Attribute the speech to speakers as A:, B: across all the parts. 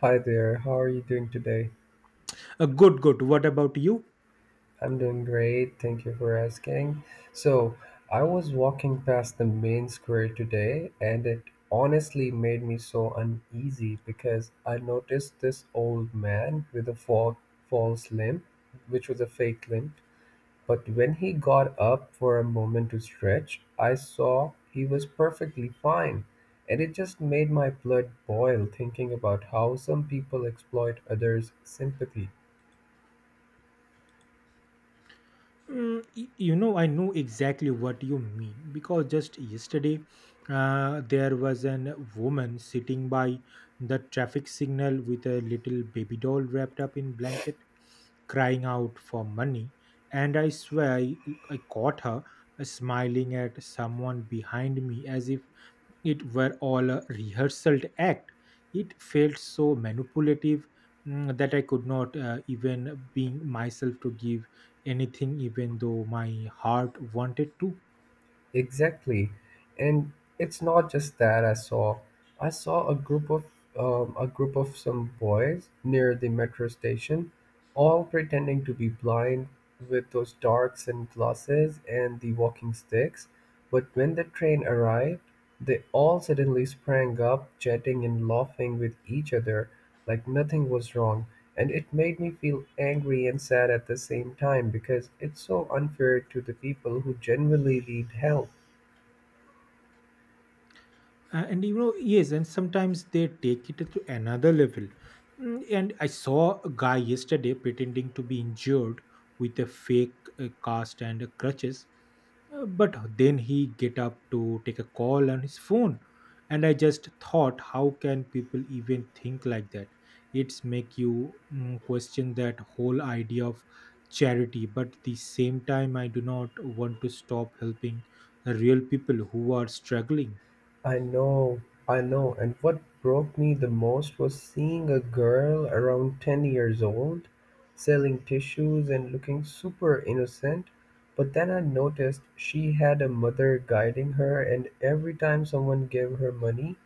A: Hi there, how are you doing today?
B: Good, good. What about you?
A: I'm doing great, thank you for asking. So, I was walking past the main square today and it honestly made me so uneasy because I noticed this old man with a false limb, which was a fake limb. But when he got up for a moment to stretch, I saw he was perfectly fine. And it just made my blood boil thinking about how some people exploit others' sympathy.
B: I know exactly what you mean, because just yesterday, there was a woman sitting by the traffic signal with a little baby doll wrapped up in blanket crying out for money. And I swear I caught her smiling at someone behind me as if it were all a rehearsed act. It felt so manipulative, that I could not even being myself to give anything, even though my heart wanted to.
A: Exactly. And it's not just that I saw. I saw a group of some boys near the metro station, all pretending to be blind with those dark sunglasses and the walking sticks. But when the train arrived, they all suddenly sprang up, chatting and laughing with each other like nothing was wrong, and it made me feel angry and sad at the same time because it's so unfair to the people who genuinely need help.
B: And yes, and sometimes they take it to another level. And I saw a guy yesterday pretending to be injured with a fake cast and crutches. But then he get up to take a call on his phone. And I just thought, how can people even think like that? It's make you question that whole idea of charity, but at the same time I do not want to stop helping real people who are struggling.
A: I know, I know, and what broke me the most was seeing a girl around 10 years old selling tissues and looking super innocent. But then I noticed she had a mother guiding her, and every time someone gave her money,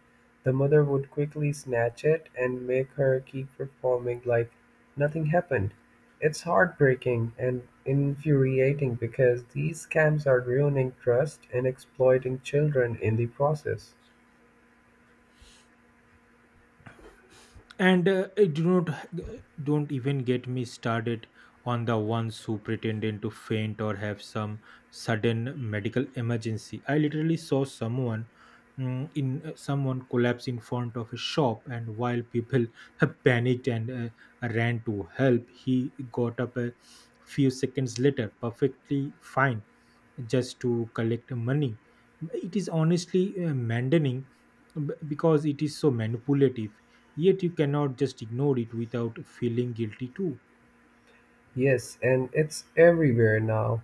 A: the mother would quickly snatch it and make her keep performing like nothing happened. It's heartbreaking and infuriating because these scams are ruining trust and exploiting children in the process.
B: And uh, I do not don't even get me started on the ones who pretended to faint or have some sudden medical emergency. I literally saw someone collapse in front of a shop, and while people panicked and ran to help, he got up a few seconds later perfectly fine, just to collect money. It is honestly maddening, because it is so manipulative, yet you cannot just ignore it without feeling guilty too.
A: Yes, and it's everywhere now.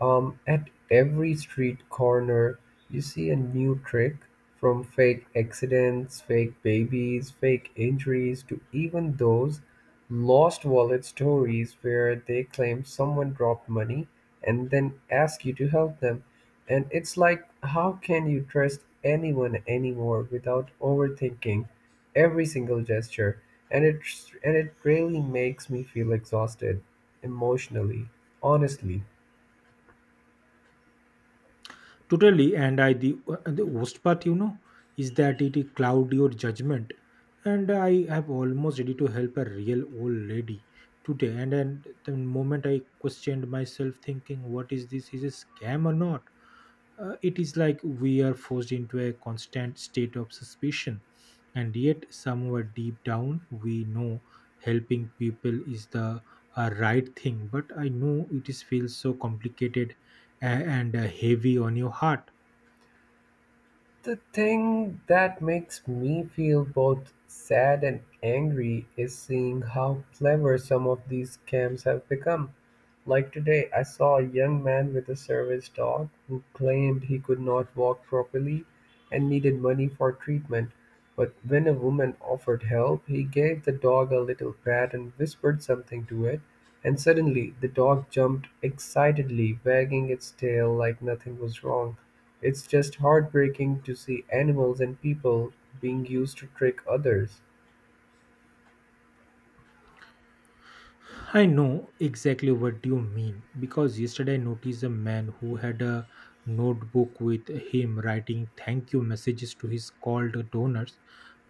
A: At every street corner, you see a new trick from fake accidents, fake babies, fake injuries, to even those lost wallet stories where they claim someone dropped money and then ask you to help them. And it's like, how can you trust anyone anymore without overthinking every single gesture? And it, and it really makes me feel exhausted emotionally, honestly.
B: Totally, and I the worst part, is that it cloud your judgment. And I have almost ready to help a real old lady today, and then the moment I questioned myself, thinking, "What is this? Is a scam or not?" It is like we are forced into a constant state of suspicion, and yet somewhere deep down, we know helping people is the right thing. But I know it is feels so complicated, and heavy on your heart.
A: The thing that makes me feel both sad and angry is seeing how clever some of these scams have become. Like today, I saw a young man with a service dog who claimed he could not walk properly and needed money for treatment, but when a woman offered help, he gave the dog a little pat and whispered something to it, and suddenly the dog jumped excitedly, wagging its tail like nothing was wrong. It's just heartbreaking to see animals and people being used to trick others.
B: I know exactly what you mean, because yesterday I noticed a man who had a notebook with him writing thank you messages to his called donors.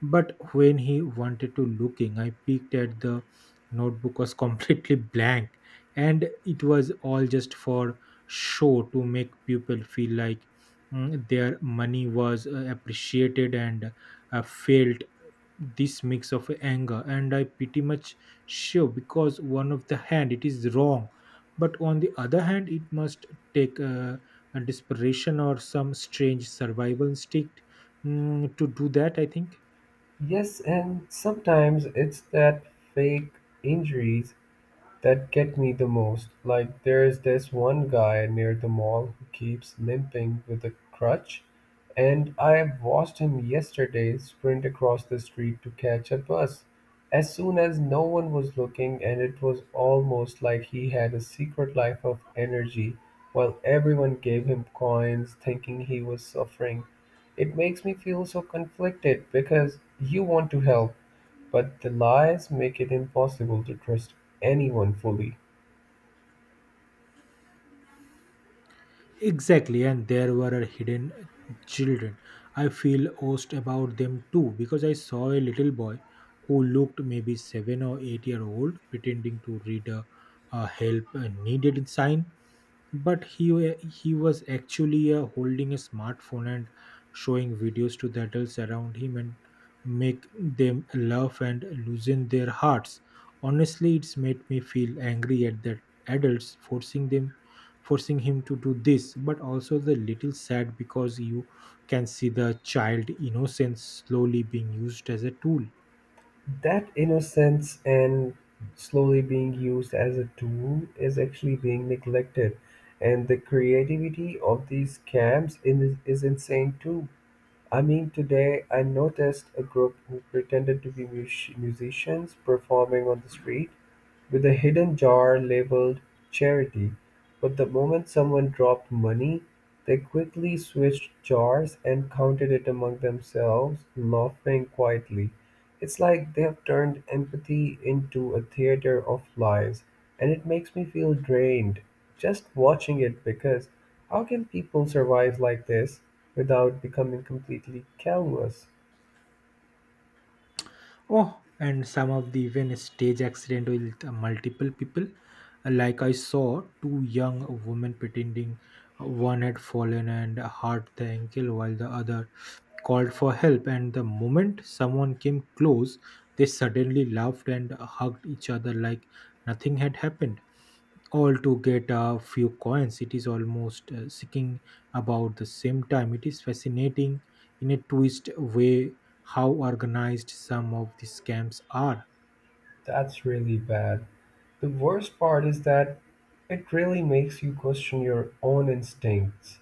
B: But when he wanted to looking, I peeked at the notebook was completely blank, and it was all just for show to make people feel like their money was appreciated, and felt this mix of anger, and I pretty much sure, because one of the hand it is wrong, but on the other hand it must take a desperation or some strange survival instinct, to do that, I think.
A: Yes, and sometimes it's that fake injuries that get me the most. Like there's this one guy near the mall who keeps limping with a crutch, and I watched him yesterday sprint across the street to catch a bus as soon as no one was looking, and it was almost like he had a secret life of energy while everyone gave him coins thinking he was suffering. It makes me feel so conflicted because you want to help, but the lies make it impossible to trust anyone fully.
B: Exactly, and there were hidden children. I feel host about them too, because I saw a little boy who looked maybe 7 or 8 year old pretending to read a help needed sign, but he was actually holding a smartphone and showing videos to the adults around him and make them laugh and loosen their hearts. Honestly, it's made me feel angry at the adults forcing him to do this, but also the little sad, because you can see the child innocence slowly being used as a tool.
A: That innocence and slowly being used as a tool is actually being neglected. And the creativity of these scams is insane too. I mean, today I noticed a group who pretended to be musicians performing on the street with a hidden jar labeled charity. But the moment someone dropped money, they quickly switched jars and counted it among themselves, laughing quietly. It's like they have turned empathy into a theater of lies, and it makes me feel drained just watching it because how can people survive like this without becoming completely callous?
B: Oh, and some of the even stage accident with multiple people, like I saw two young women pretending. One had fallen and hurt the ankle, while the other called for help. And the moment someone came close, they suddenly laughed and hugged each other like nothing had happened, all to get a few coins. It is almost seeking about the same time. It is fascinating in a twist way how organized some of the scams are.
A: That's really bad. The worst part is that it really makes you question your own instincts.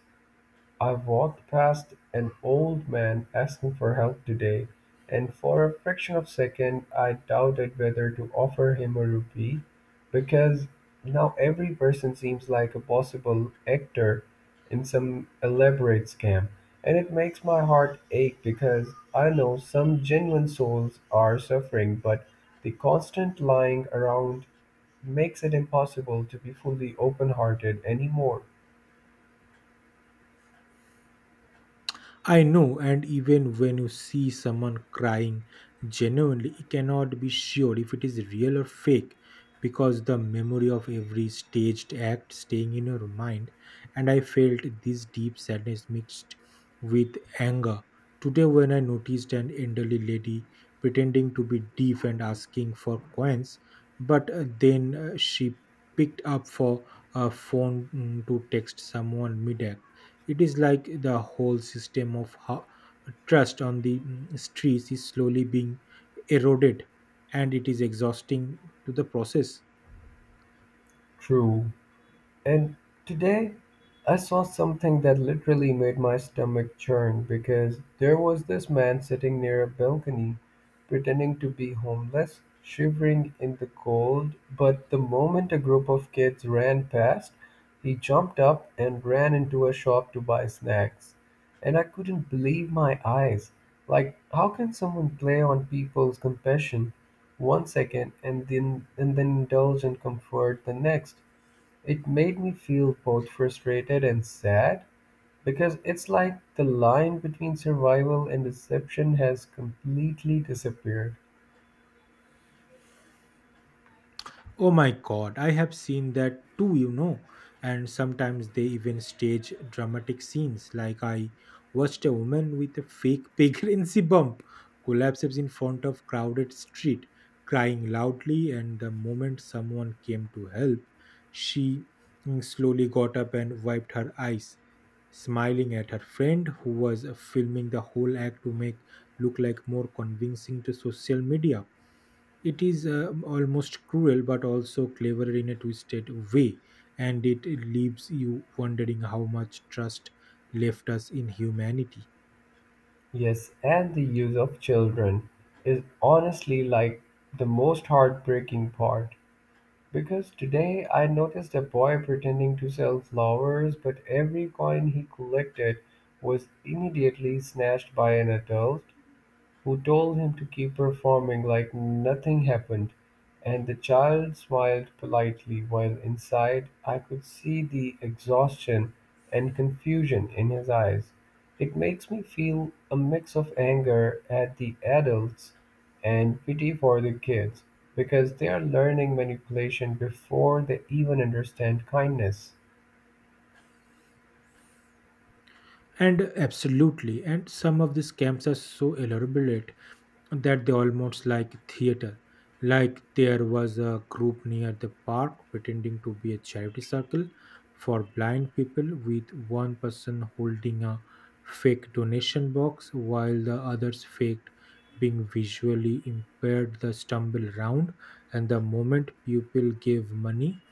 A: I walked past an old man asking for help today, and for a fraction of a second I doubted whether to offer him a rupee, because now every person seems like a possible actor in some elaborate scam, and it makes my heart ache because I know some genuine souls are suffering, but the constant lying around makes it impossible to be fully open-hearted anymore.
B: I know, and even when you see someone crying genuinely, you cannot be sure if it is real or fake, because the memory of every staged act staying in your mind. And I felt this deep sadness mixed with anger. Today, when I noticed an elderly lady pretending to be deaf and asking for coins, but then she picked up for a phone, to text someone mid, it is like the whole system of trust on the streets is slowly being eroded, and it is exhausting to the process.
A: True. And today I saw something that literally made my stomach churn because there was this man sitting near a balcony pretending to be homeless, shivering in the cold. But the moment a group of kids ran past, he jumped up and ran into a shop to buy snacks. And I couldn't believe my eyes. Like, how can someone play on people's compassion one second and then indulge in comfort the next? It made me feel both frustrated and sad, because it's like the line between survival and deception has completely disappeared.
B: Oh my god, I have seen that too, you know. And sometimes they even stage dramatic scenes. Like I watched a woman with a fake pregnancy bump collapses in front of crowded street, crying loudly, and the moment someone came to help, she slowly got up and wiped her eyes, smiling at her friend who was filming the whole act to make look like more convincing to social media. It is almost cruel, but also clever in a twisted way, and it leaves you wondering how much trust left us in humanity.
A: Yes, and the use of children is honestly like the most heartbreaking part. Because today I noticed a boy pretending to sell flowers, but every coin he collected was immediately snatched by an adult who told him to keep performing like nothing happened, and the child smiled politely while inside I could see the exhaustion and confusion in his eyes. It makes me feel a mix of anger at the adults and pity for the kids because they are learning manipulation before they even understand kindness.
B: And absolutely, and some of these camps are so elaborate that they almost like theater. Like there was a group near the park pretending to be a charity circle for blind people, with one person holding a fake donation box while the others fake being visually impaired the stumble round, and the moment people gave money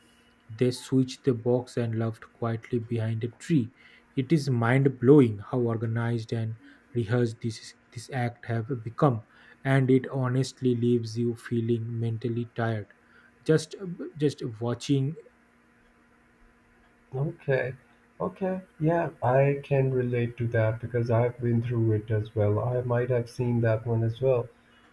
B: they switched the box and left quietly behind a tree. It is mind blowing how organized and rehearsed this act have become, and it honestly leaves you feeling mentally tired, just just watching.
A: Okay. Okay. Yeah, I can relate to that because I've been through it as well. I might have seen that one as well.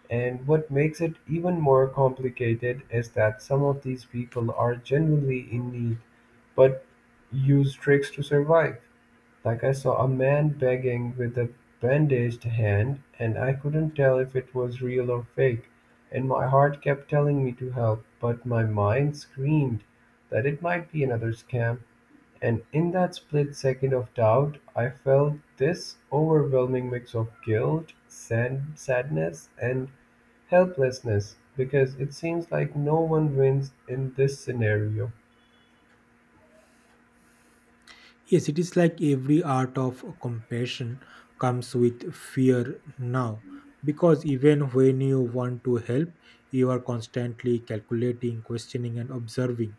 A: And what makes it even more complicated is that some of these people are genuinely in need, but use tricks to survive. Like I saw a man begging with a bandaged hand, and I couldn't tell if it was real or fake. And my heart kept telling me to help, but my mind screamed that it might be another scam. And in that split second of doubt, I felt this overwhelming mix of guilt, sadness, and helplessness because it seems like no one wins in this scenario.
B: Yes, it is like every art of compassion comes with fear now, because even when you want to help, you are constantly calculating, questioning, and observing.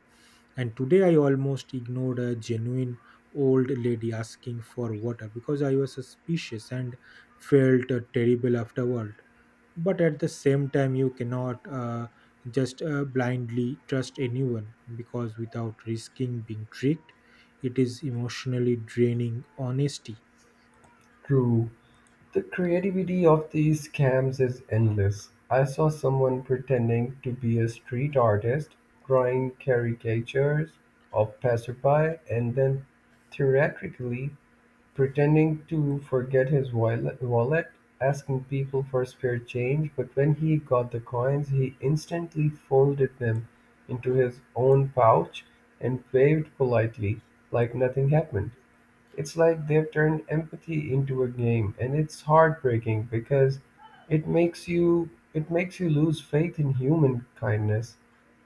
B: And today I almost ignored a genuine old lady asking for water because I was suspicious and felt terrible afterward, but at the same time you cannot just blindly trust anyone, because without risking being tricked it is emotionally draining honesty.
A: True. The creativity of these scams is endless. I saw someone pretending to be a street artist, drawing caricatures of passerby, and then theatrically pretending to forget his wallet, asking people for spare change, but when he got the coins, he instantly folded them into his own pouch and waved politely, like nothing happened. It's like they've turned empathy into a game, and it's heartbreaking because it makes you lose faith in human kindness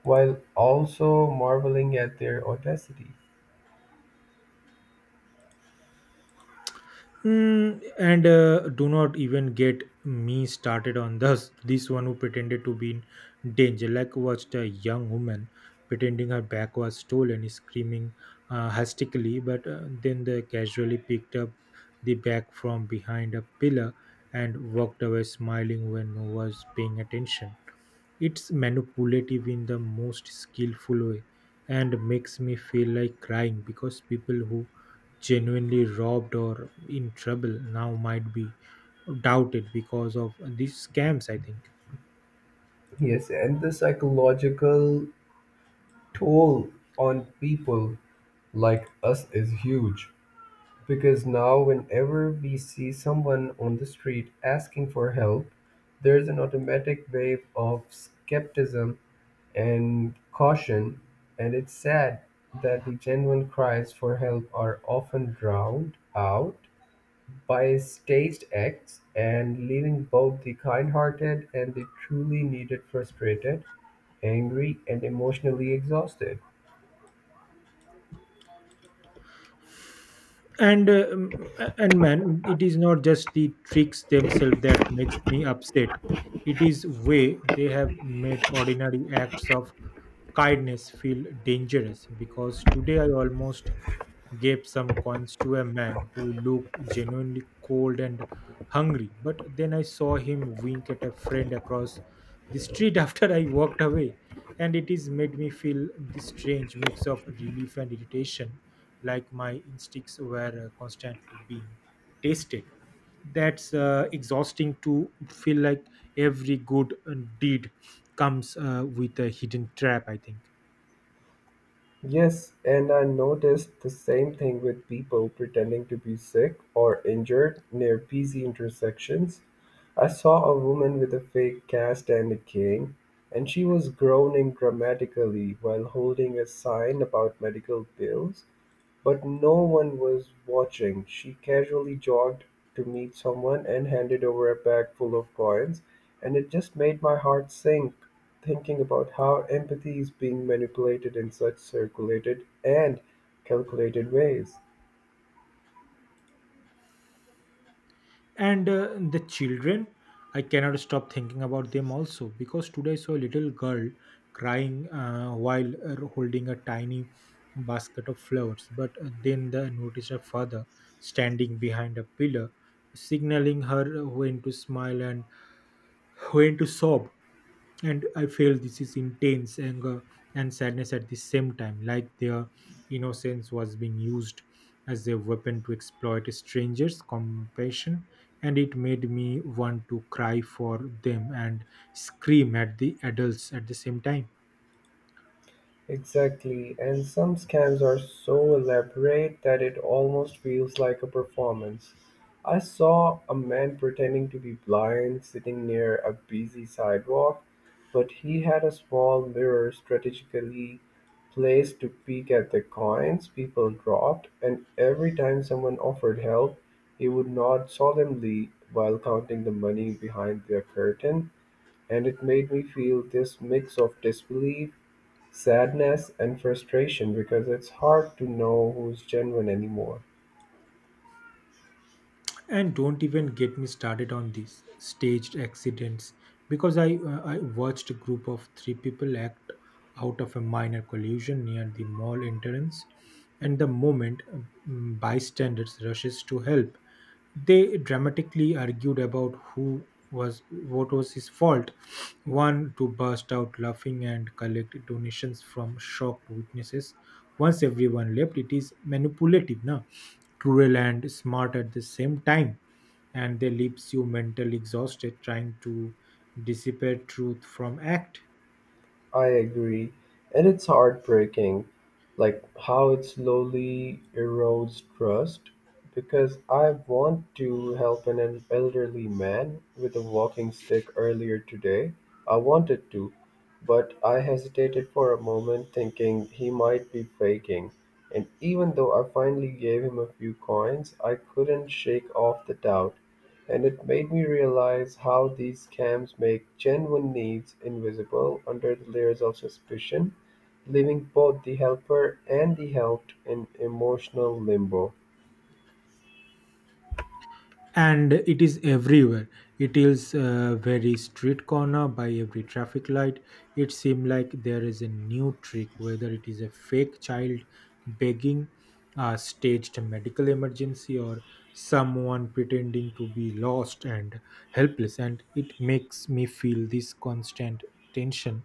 A: while also marveling at their audacity.
B: Mm, and Do not even get me started on this one who pretended to be in danger. Like watched a young woman pretending her bag was stolen, screaming hystically, but then they casually picked up the bag from behind a pillar and walked away smiling when no one was paying attention. It's manipulative in the most skillful way, and makes me feel like crying, because people who genuinely robbed or in trouble now might be doubted because of these scams, I think.
A: Yes, and the psychological toll on people like us is huge because now whenever we see someone on the street asking for help, there's an automatic wave of skepticism and caution, and it's sad that the genuine cries for help are often drowned out by staged acts, and leaving both the kind-hearted and the truly needed frustrated, angry, and emotionally exhausted.
B: and um, and man, it is not just the tricks themselves that makes me upset, it is way they have made ordinary acts of kindness feel dangerous, because today I almost gave some coins to a man who looked genuinely cold and hungry, but then I saw him wink at a friend across the street after I walked away, and it is made me feel this strange mix of relief and irritation, like my instincts were constantly being tasted. That's exhausting, to feel like every good deed comes with a hidden trap, I think.
A: Yes, and I noticed the same thing with people pretending to be sick or injured near busy intersections. I saw a woman with a fake cast and a cane, and she was groaning dramatically while holding a sign about medical bills. But no one was watching. She casually jogged to meet someone and handed over a bag full of coins, and it just made my heart sink thinking about how empathy is being manipulated in such circulated and calculated ways.
B: And the children, I cannot stop thinking about them also, because today I saw a little girl crying while holding a tiny basket of flowers, but then the noticed her father standing behind a pillar signaling her when to smile and went to sob. And I felt this is intense anger and sadness at the same time, like their innocence was being used as a weapon to exploit strangers compassion, and it made me want to cry for them and scream at the adults at the same time.
A: Exactly, and some scams are so elaborate that it almost feels like a performance. I saw a man pretending to be blind sitting near a busy sidewalk, but he had a small mirror strategically placed to peek at the coins people dropped, and every time someone offered help, he would nod solemnly while counting the money behind their curtain, and it made me feel this mix of disbelief, sadness, and frustration because it's hard to know who's genuine anymore.
B: And don't even get me started on these staged accidents, because I watched a group of three people act out of a minor collision near the mall entrance, and the moment bystanders rushes to help, they dramatically argued about who was what was his fault, one to burst out laughing and collect donations from shocked witnesses once everyone left. It is manipulative na, cruel and smart at the same time, and they leaves you mentally exhausted trying to dissipate truth from act.
A: I agree. And it's heartbreaking, like how it slowly erodes trust. Because I want to help an elderly man with a walking stick earlier today. I wanted to, but I hesitated for a moment, thinking he might be faking. And even though I finally gave him a few coins, I couldn't shake off the doubt. And it made me realize how these scams make genuine needs invisible under the layers of suspicion, leaving both the helper and the helped in emotional limbo.
B: And it is everywhere. It is very street corner by every traffic light. It seems like there is a new trick, whether it is a fake child begging, a staged medical emergency, or someone pretending to be lost and helpless. And it makes me feel this constant tension,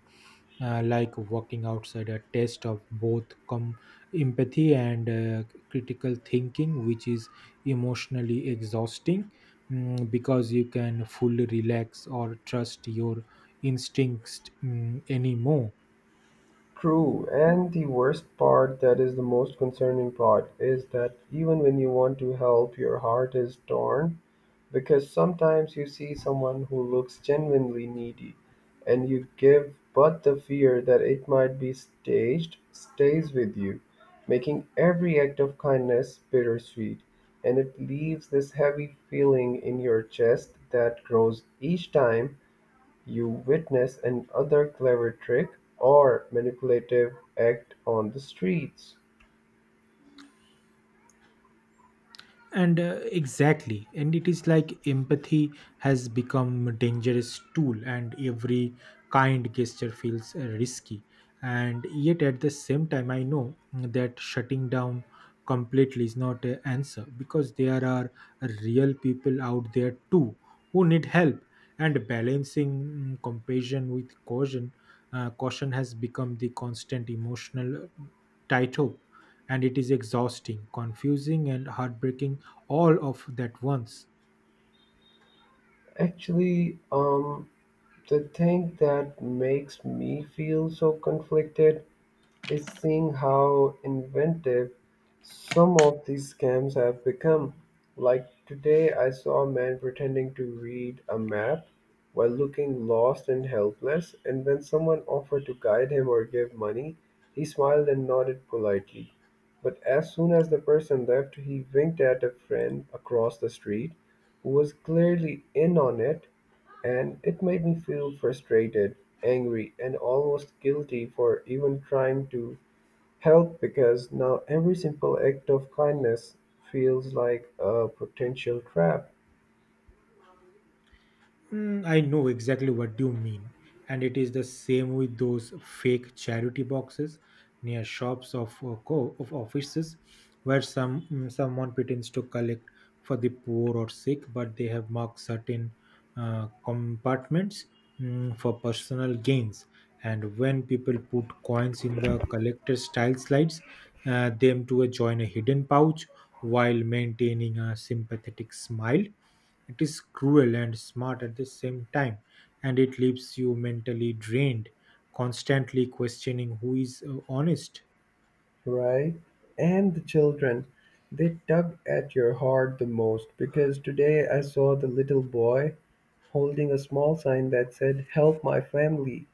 B: like walking outside a test of both empathy and critical thinking, which is emotionally exhausting, because you can fully relax or trust your instincts anymore.
A: True, and the worst part, that is the most concerning part, is that even when you want to help, your heart is torn because sometimes you see someone who looks genuinely needy and you give, but the fear that it might be staged stays with you, making every act of kindness bittersweet. And it leaves this heavy feeling in your chest that grows each time you witness another clever trick or manipulative act on the streets.
B: And exactly, and it is like empathy has become a dangerous tool, and every kind gesture feels risky, and yet at the same time I know that shutting down completely is not an answer, because there are real people out there too who need help. And balancing compassion with caution has become the constant emotional tightrope, and it is exhausting, confusing, and heartbreaking all of that once.
A: Actually, the thing that makes me feel so conflicted is seeing how inventive some of these scams have become. Like today, I saw a man pretending to read a map while looking lost and helpless, and when someone offered to guide him or give money, he smiled and nodded politely. But as soon as the person left, he winked at a friend across the street who was clearly in on it, and it made me feel frustrated, angry, and almost guilty for even trying to help because now every simple act of kindness feels like a potential trap,
B: Mm, I know exactly what you mean. And it is the same with those fake charity boxes near shops of of offices where someone pretends to collect for the poor or sick, but they have marked certain compartments, for personal gains. And when people put coins in the collector style slides, them to join a hidden pouch while maintaining a sympathetic smile, it is cruel and smart at the same time, and it leaves you mentally drained, constantly questioning who is honest.
A: right? And the children, they tug at your heart the most because today I saw the little boy holding a small sign that said help my family,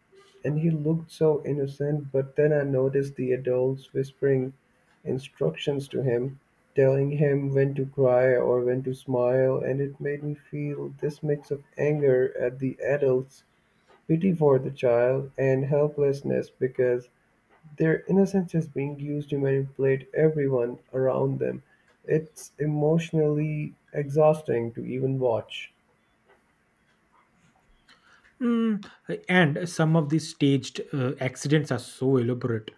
A: and he looked so innocent, but then I noticed the adults whispering instructions to him, telling him when to cry or when to smile, and it made me feel this mix of anger at the adults, pity for the child, and helplessness because their innocence is being used to manipulate everyone around them. It's emotionally exhausting to even watch,
B: Mm, and some of these staged accidents are so elaborate.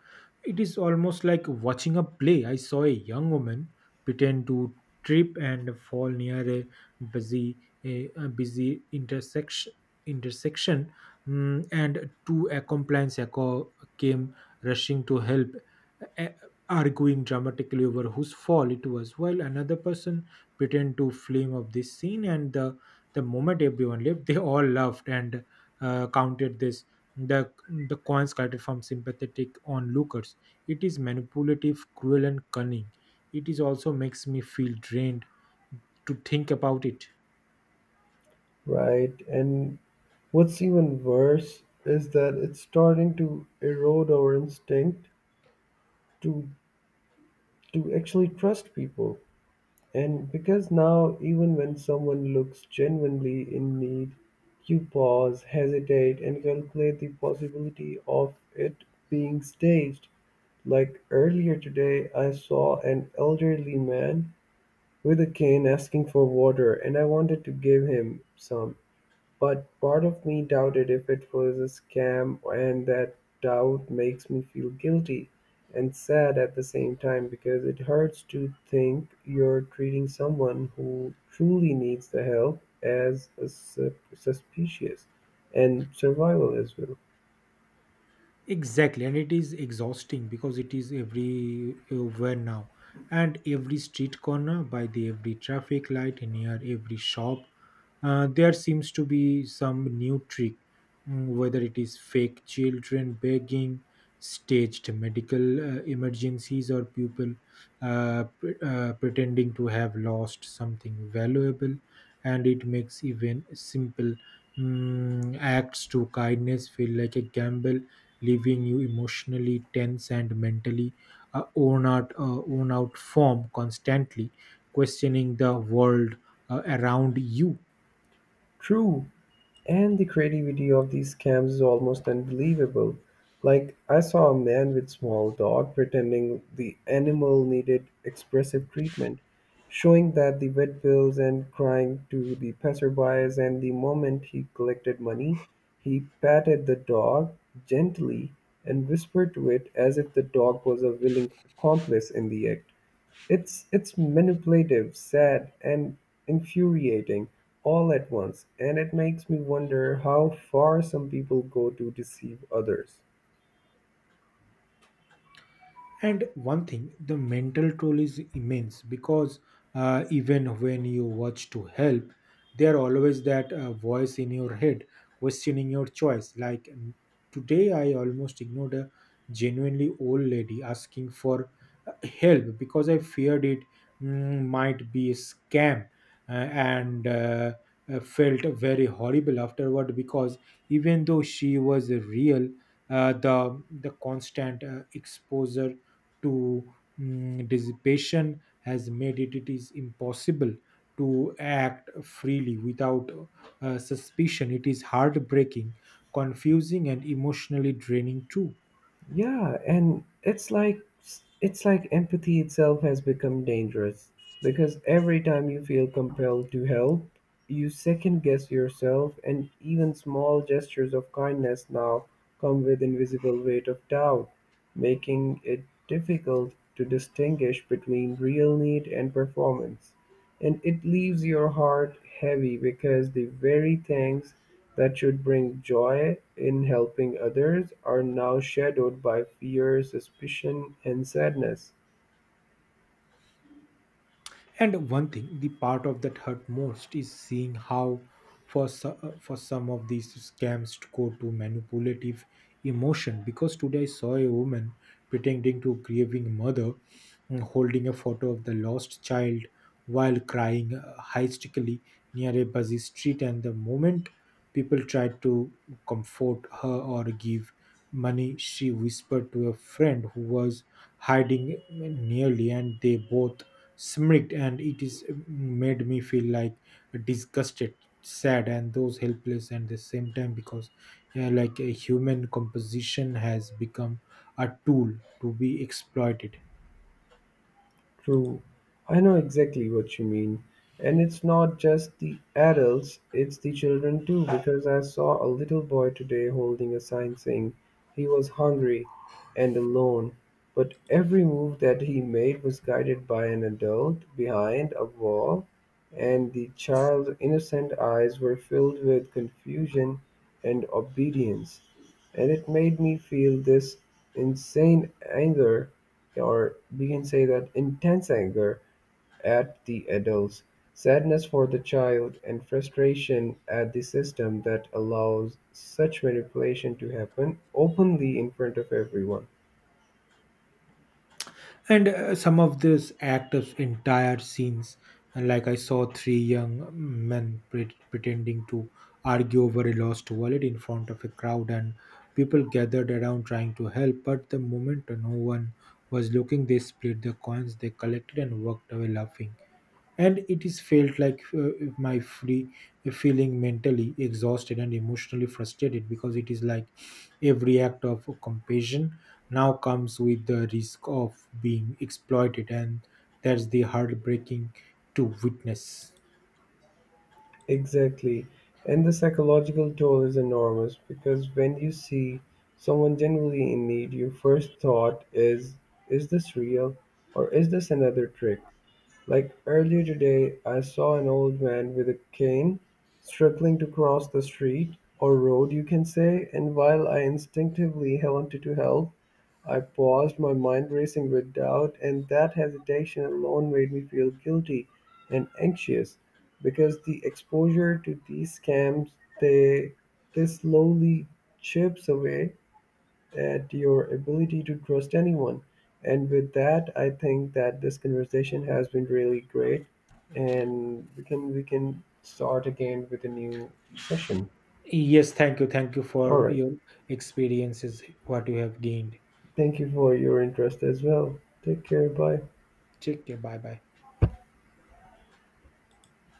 B: It is almost like watching a play. I saw a young woman pretend to trip and fall near busy a busy intersection, and two accomplices compliance came rushing to help, a- arguing dramatically over whose fault it was, while another person pretend to flame up this scene. And the moment everyone left, they all laughed and counted this the coins collected from sympathetic onlookers. It is manipulative, cruel, and cunning. It is also makes me feel drained to think about it.
A: right? And what's even worse is that it's starting to erode our instinct to to actually trust people. And because now even when someone looks genuinely in need, you pause, hesitate, and calculate the possibility of it being staged. Like earlier today, I saw an elderly man with a cane asking for water, and I wanted to give him some. But part of me doubted if it was a scam, and that doubt makes me feel guilty and sad at the same time because it hurts to think you're treating someone who truly needs the help as a suspicious and survival as well.
B: Exactly, and it is exhausting because it is everywhere now, and every street corner, by the every traffic light, and near every shop, there seems to be some new trick, whether it is fake children begging, staged medical emergencies, or people pretending to have lost something valuable, and it makes even simple acts to kindness feel like a gamble, leaving you emotionally tense and mentally worn out form constantly questioning the world around you.
A: True. And the creativity of these scams is almost unbelievable. Like, I saw a man with small dog pretending the animal needed expressive treatment, showing that the vet bills and crying to the passerbys. And the moment he collected money, he patted the dog gently and whispered to it as if the dog was a willing accomplice in the act. It's manipulative, sad, and infuriating all at once, and it makes me wonder how far some people go to deceive others.
B: And one thing, the mental toll is immense because even when you watch to help, there always that voice in your head questioning your choice. Today, I almost ignored a genuinely old lady asking for help because I feared it might be a scam, and felt very horrible afterward because even though she was real, the constant exposure to dissipation has made it is impossible to act freely without suspicion. It is heartbreaking, confusing, and emotionally draining too.
A: Yeah, and it's like empathy itself has become dangerous because every time you feel compelled to help, you second guess yourself, and even small gestures of kindness now come with invisible weight of doubt, making it difficult to distinguish between real need and performance. And it leaves your heart heavy because the very things that should bring joy in helping others are now shadowed by fear, suspicion, and sadness.
B: And one thing, the part of that hurt most is seeing how, for some of these scams, to go to manipulative emotion. Because today I saw a woman pretending to grieving mother, holding a photo of the lost child while crying hysterically near a busy street. And the moment people tried to comfort her or give money, she whispered to a friend who was hiding nearly, and they both smirked, and it is made me feel like disgusted, sad, and those helpless at the same time because, yeah, like a human composition has become a tool to be exploited.
A: True. I know exactly what you mean. And it's not just the adults, it's the children too, because I saw a little boy today holding a sign saying he was hungry and alone. But every move that he made was guided by an adult behind a wall, and the child's innocent eyes were filled with confusion and obedience. And it made me feel this insane anger, or we can say that intense anger at the adults, sadness for the child, and frustration at the system that allows such manipulation to happen openly in front of everyone.
B: And some of this act of entire scenes. And like, I saw three young men pretending to argue over a lost wallet in front of a crowd, and people gathered around trying to help, but the moment no one was looking, they split the coins they collected and walked away laughing. And it is felt like, my free feeling mentally exhausted and emotionally frustrated, because it is like every act of compassion now comes with the risk of being exploited, and that's the heartbreaking to witness.
A: Exactly. And the psychological toll is enormous because when you see someone genuinely in need, your first thought is this real or is this another trick? Like earlier today I saw an old man with a cane struggling to cross the street, or road you can say, and while I instinctively wanted to help, I paused, my mind racing with doubt, and that hesitation alone made me feel guilty and anxious because the exposure to these scams, they they slowly chips away at your ability to trust anyone. And with that, I think that this conversation has been really great, and we can start again with a new session.
B: Yes, thank you, thank you
A: All
B: for
A: right.
B: your experiences, what you have gained.
A: Thank you for your interest as well. Take care. Bye.
B: Take care, bye bye.